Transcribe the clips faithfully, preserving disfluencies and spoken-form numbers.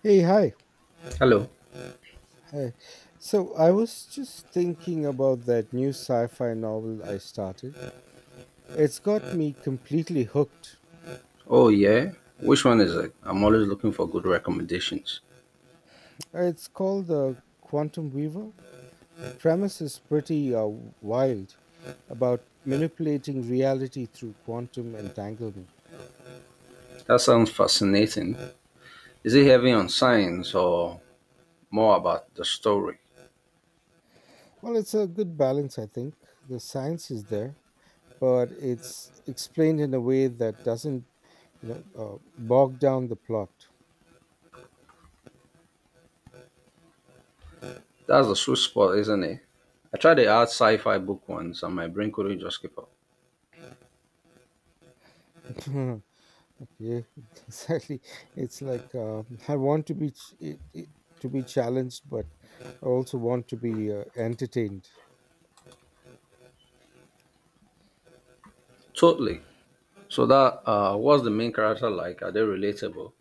Hey, hi. Hello. Hi. So I was just thinking about that new sci-fi novel I started. It's got me completely hooked. Oh, yeah? Which one is it? I'm always looking for good recommendations. It's called The Quantum Weaver. The premise is pretty uh, wild about manipulating reality through quantum entanglement. That sounds fascinating. Is it heavy on science or more about the story? Well, it's a good balance, I think. The science is there, but it's explained in a way that doesn't, you know, uh, bog down the plot. That's the sweet spot, isn't it? I tried the art sci fi book once and my brain couldn't just keep up. Yeah, exactly. It's like uh, I want to be ch- it, it, to be challenged, but I also want to be uh, entertained. Totally. So, that uh, what's the main character like? Are they relatable?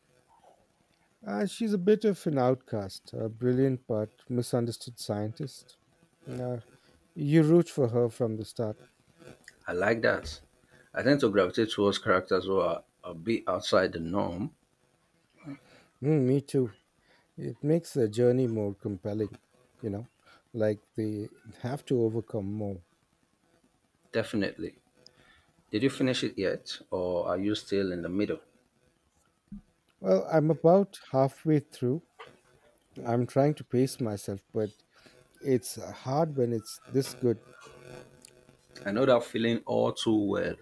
Uh, she's a bit of an outcast, a brilliant but misunderstood scientist. Uh, you root for her from the start. I like that. I tend to gravitate towards characters who are a bit outside the norm. Mm, me too. It makes the journey more compelling, you know, like they have to overcome more. Definitely. Did you finish it yet, or are you still in the middle? Well, I'm about halfway through. I'm trying to pace myself, but it's uh, hard when it's this good. I know that feeling all too well.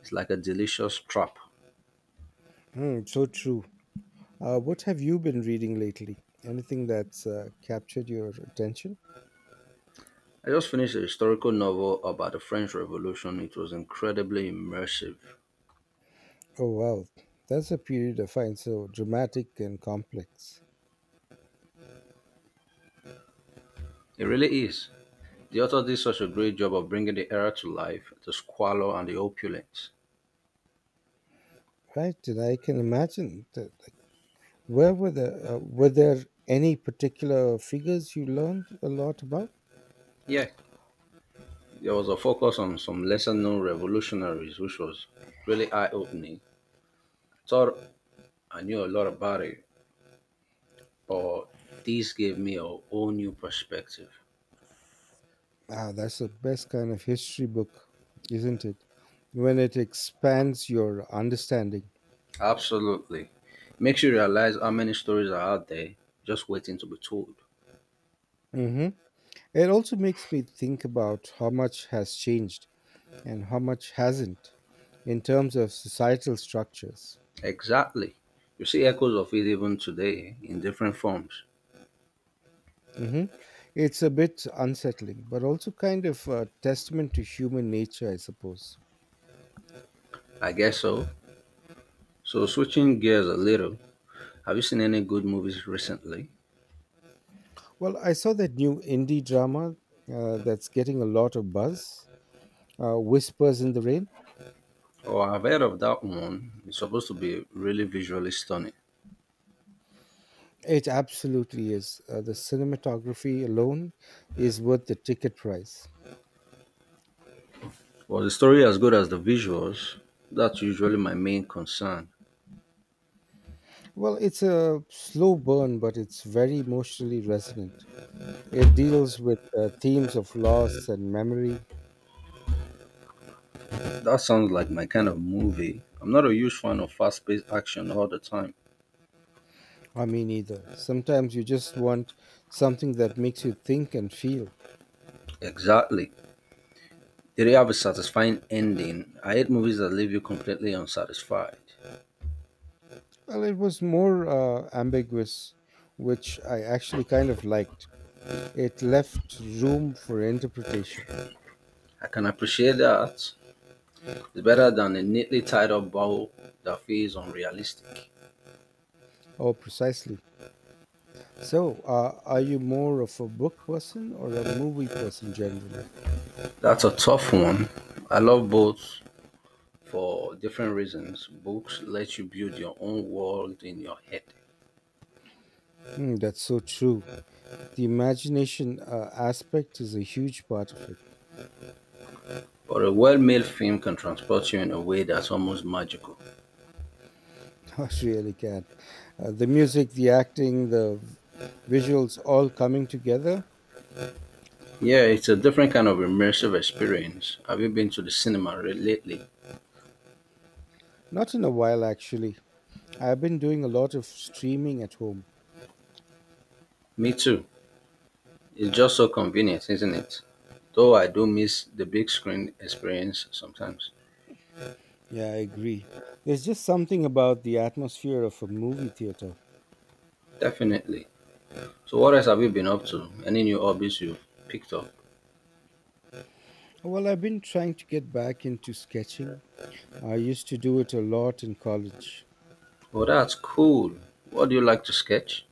It's like a delicious trap. Hmm, so true. Uh, what have you been reading lately? Anything that's uh, captured your attention? I just finished a historical novel about the French Revolution. It was incredibly immersive. Oh, wow. That's a period I find so dramatic and complex. It really is. The author did such a great job of bringing the era to life, the squalor and the opulence. Right, and I can imagine that. Like, where were the uh, were there any particular figures you learned a lot about? Yeah, there was a focus on some lesser known revolutionaries, which was really eye opening. Thought I knew a lot about it, but this gave me a whole new perspective. Ah, that's the best kind of history book, isn't it? When it expands your understanding. Absolutely. Makes you realize how many stories are out there just waiting to be told. Hmm. It also makes me think about how much has changed and how much hasn't in terms of societal structures. Exactly. You see echoes of it even today in different forms. Hmm. It's a bit unsettling, but also kind of a testament to human nature, I suppose. I guess so. So, switching gears a little, have you seen any good movies recently? Well, I saw that new indie drama uh, that's getting a lot of buzz, uh, Whispers in the Rain. Oh, I've heard of that one. It's supposed to be really visually stunning. It absolutely is. Uh, the cinematography alone is worth the ticket price. Was the story as good as the visuals? That's usually my main concern. Well, it's a slow burn, but it's very emotionally resonant. It deals with uh, themes of loss and memory. That sounds like my kind of movie. I'm not a huge fan of fast paced action all the time. I mean, either. Sometimes you just want something that makes you think and feel. Exactly. The idea have a satisfying ending. I hate movies that leave you completely unsatisfied. Well, it was more uh, ambiguous, which I actually kind of liked. It left room for interpretation. I can appreciate that. It's better than a neatly tied up bow that feels unrealistic. Oh, precisely. So, uh, are you more of a book person or a movie person generally? That's a tough one. I love both for different reasons. Books let you build your own world in your head. Mm, that's so true. The imagination uh, aspect is a huge part of it. But a well made film can transport you in a way that's almost magical. It really can. Uh, the music, the acting, the v- visuals all coming together. Yeah, it's a different kind of immersive experience. Have you been to the cinema re- lately? Not in a while, actually. I've been doing a lot of streaming at home. Me too. It's just so convenient, isn't it? Though I do miss the big screen experience sometimes. Yeah, I agree. There's just something about the atmosphere of a movie theater. Definitely. So, what else have you been up to? Any new hobbies you picked up? Well, I've been trying to get back into sketching. I used to do it a lot in college, Oh, that's cool. What do you like to sketch?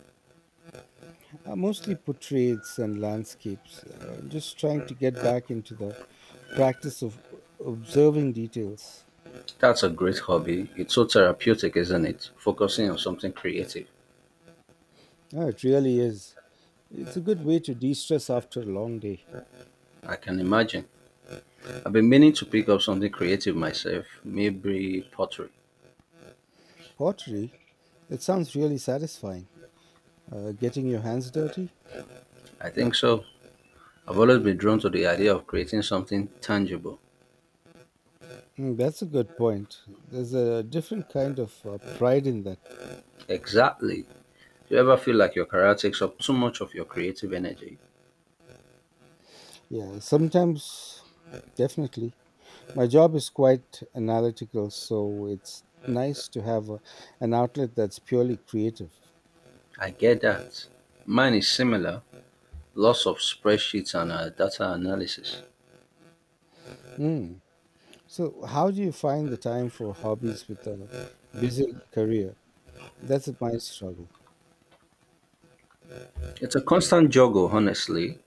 uh, mostly portraits and landscapes. Uh, just trying to get back into the practice of observing details. That's a great hobby. It's so therapeutic, isn't it? Focusing on something creative. Yeah, it really is. It's a good way to de stress after a long day. I can imagine. I've been meaning to pick up something creative myself, maybe pottery. Pottery, it sounds really satisfying. Uh, getting your hands dirty? I think so. I've always been drawn to the idea of creating something tangible. Mm, that's a good point. There's a different kind of uh, pride in that. Exactly. Do you ever feel like your career takes up too much of your creative energy? Yeah, sometimes, definitely. My job is quite analytical, so it's nice to have a, an outlet that's purely creative. I get that. Mine is similar lots of spreadsheets and uh, data analysis. Mm. So, how do you find the time for hobbies with a busy career? That's my struggle. It's a constant juggle, honestly.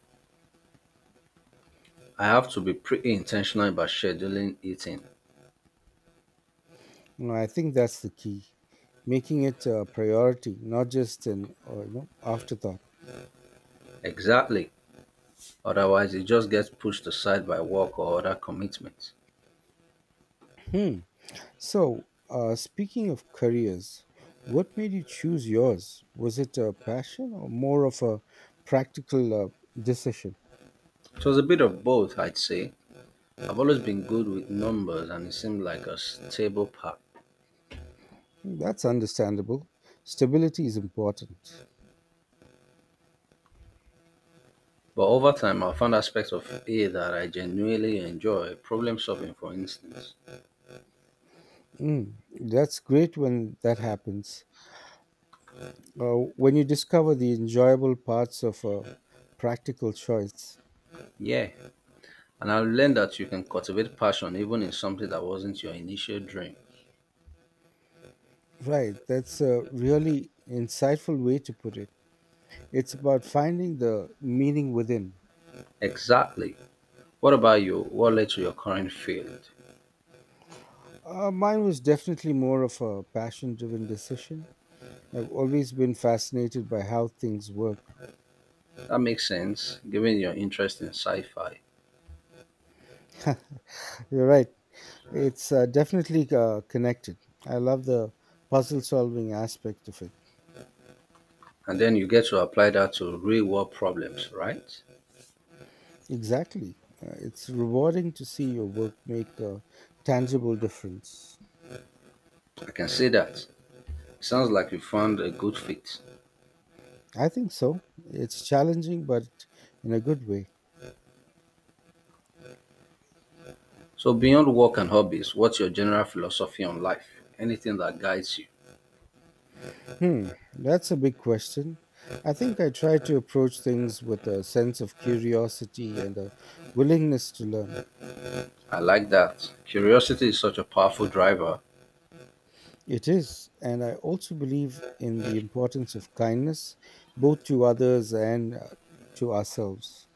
I have to be pretty intentional about scheduling it in. No, I think that's the key. Making it a priority, not just an uh, you know, afterthought. Exactly. Otherwise, it just gets pushed aside by work or other commitments. Hmm. So, uh, speaking of careers, what made you choose yours? Was it a passion or more of a practical uh, decision? It was a bit of both, I'd say. I've always been good with numbers and it seemed like a stable path. Hmm, that's understandable. Stability is important. But over time, I found aspects of it that I genuinely enjoy, problem solving, for instance. Mm, that's great when that happens. Uh, when you discover the enjoyable parts of a practical choice. Yeah, and I've learned that you can cultivate passion even in something that wasn't your initial dream. Right, that's a really insightful way to put it. It's about finding the meaning within. Exactly. What about you? What led to your current field? Uh, mine was definitely more of a passion driven decision. I've always been fascinated by how things work. That makes sense, given your interest in sci fi. You're right, it's uh, definitely uh, connected. I love the puzzle solving aspect of it. And then you get to apply that to real world problems, right? Exactly. Uh, it's rewarding to see your work make a tangible difference. I can see that. Sounds like you found a good fit. I think so. It's challenging, but in a good way. So, beyond work and hobbies, what's your general philosophy on life? Anything that guides you? Hmm, that's a big question. I think I try to approach things with a sense of curiosity and a willingness to learn. I like that. Curiosity is such a powerful driver. It is. And I also believe in the importance of kindness, both to others and uh, to ourselves.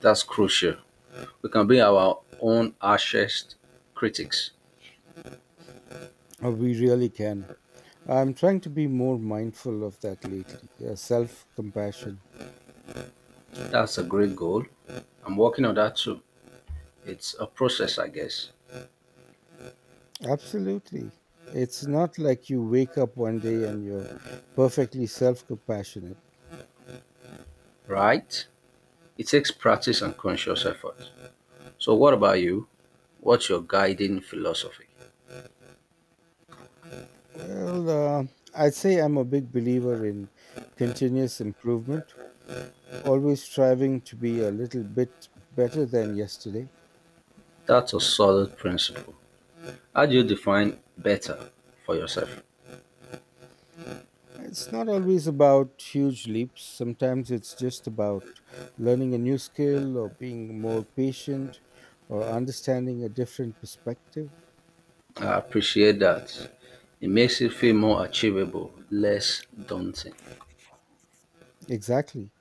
That's crucial. We can be our own harshest critics. Uh, We really can. I'm trying to be more mindful of that lately, uh, self compassion. That's a great goal. I'm working on that too. It's a process, I guess, Absolutely. It's not like you wake up one day and you're perfectly self compassionate. right? It takes practice and conscious effort. So, what about you? What's your guiding philosophy? Well, uh, I'd say I'm a big believer in continuous improvement, always striving to be a little bit better than yesterday. That's a solid principle. How do you define better for yourself? It's not always about huge leaps. Sometimes it's just about learning a new skill or being more patient or understanding a different perspective. I appreciate that. It makes it feel more achievable, less daunting. Exactly.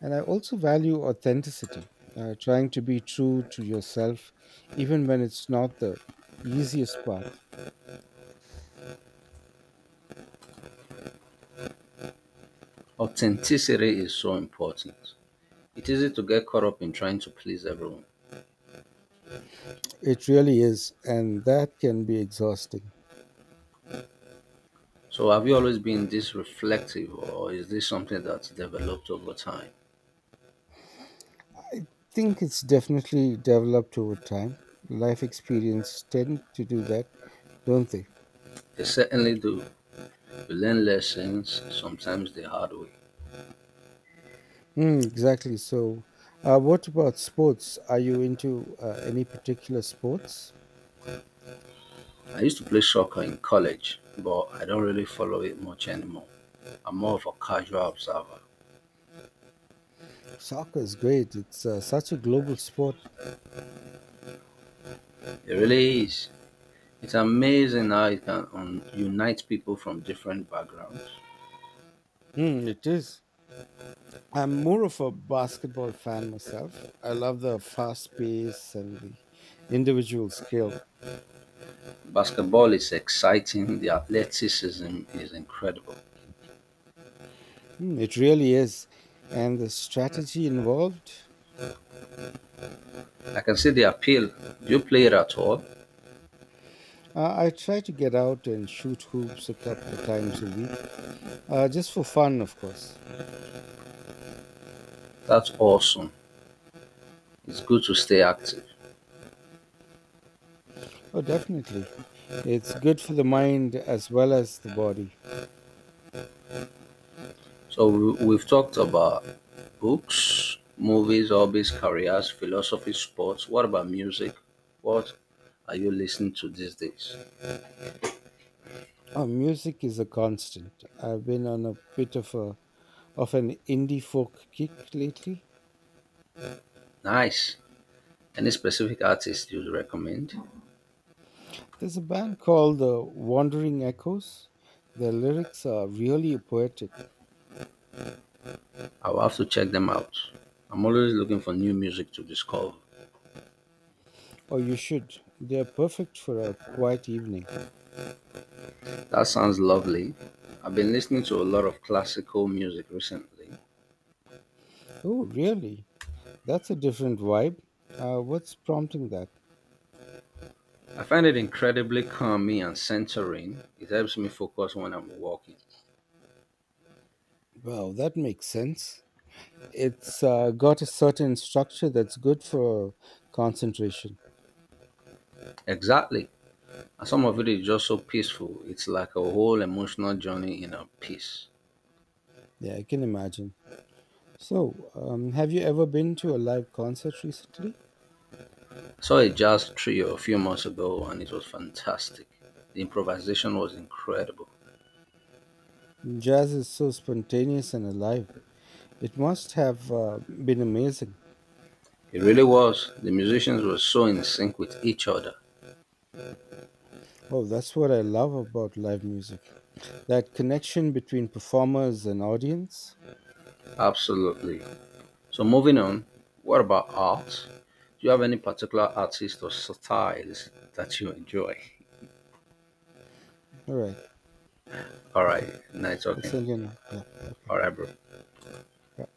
And I also value authenticity, uh, trying to be true to yourself, even when it's not the easiest path. Authenticity is so important. It's easy to get caught up in trying to please everyone. It really is. And that can be exhausting. So, have you always been this reflective, or is this something that's developed over time? I think it's definitely developed over time. Life experience tend to do that, don't they? They certainly do. We learn lessons, sometimes the hard way. Mm, exactly. So, uh, what about sports? Are you into uh, any particular sports? I used to play soccer in college, but I don't really follow it much anymore. I'm more of a casual observer. Soccer is great. It's uh, such a global sport. It really is. It's amazing how it can un- unite people from different backgrounds. Hmm, it is. I'm more of a basketball fan myself. I love the fast pace and the individual skill. Basketball is exciting, the athleticism is incredible. Hmm, it really is. And the strategy involved. I can see the appeal. Do you play it at all? Uh, I try to get out and shoot hoops a couple of times a week, uh, just for fun, of course. That's awesome. It's good to stay active. Oh, definitely. It's good for the mind as well as the body. So we- we've talked about books, movies, hobbies, careers, philosophy, sports. What about music? What are you listening to these days? Oh, music is a constant. I've been on a bit of a of an indie folk kick lately. Nice. Any specific artist you'd recommend? There's a band called the Wandering Echoes. Their lyrics are really poetic. I'll have to check them out. I'm always looking for new music to discover. Or you should. They're perfect for a quiet evening. That sounds lovely. I've been listening to a lot of classical music recently. Oh, really? That's a different vibe. Uh, what's prompting that? I find it incredibly calming and centering. It helps me focus when I'm walking. Wow, that makes sense. It's uh, got a certain structure that's good for concentration. Exactly. And some of it is just so peaceful. It's like a whole emotional journey in a piece. Yeah, I can imagine. So, um, have you ever been to a live concert recently? I saw a jazz trio a few months ago and it was fantastic. The improvisation was incredible. Jazz is so spontaneous and alive. It must have uh, been amazing. It really was. The musicians were so in sync with each other. Oh, that's what I love about live music, that connection between performers and audience. Absolutely. So, moving on, what about art? Do you have any particular artist or styles that you enjoy? All right. All Okay. right, nice I'll send talking. you now. Yeah. Okay. All right, bro. Bye.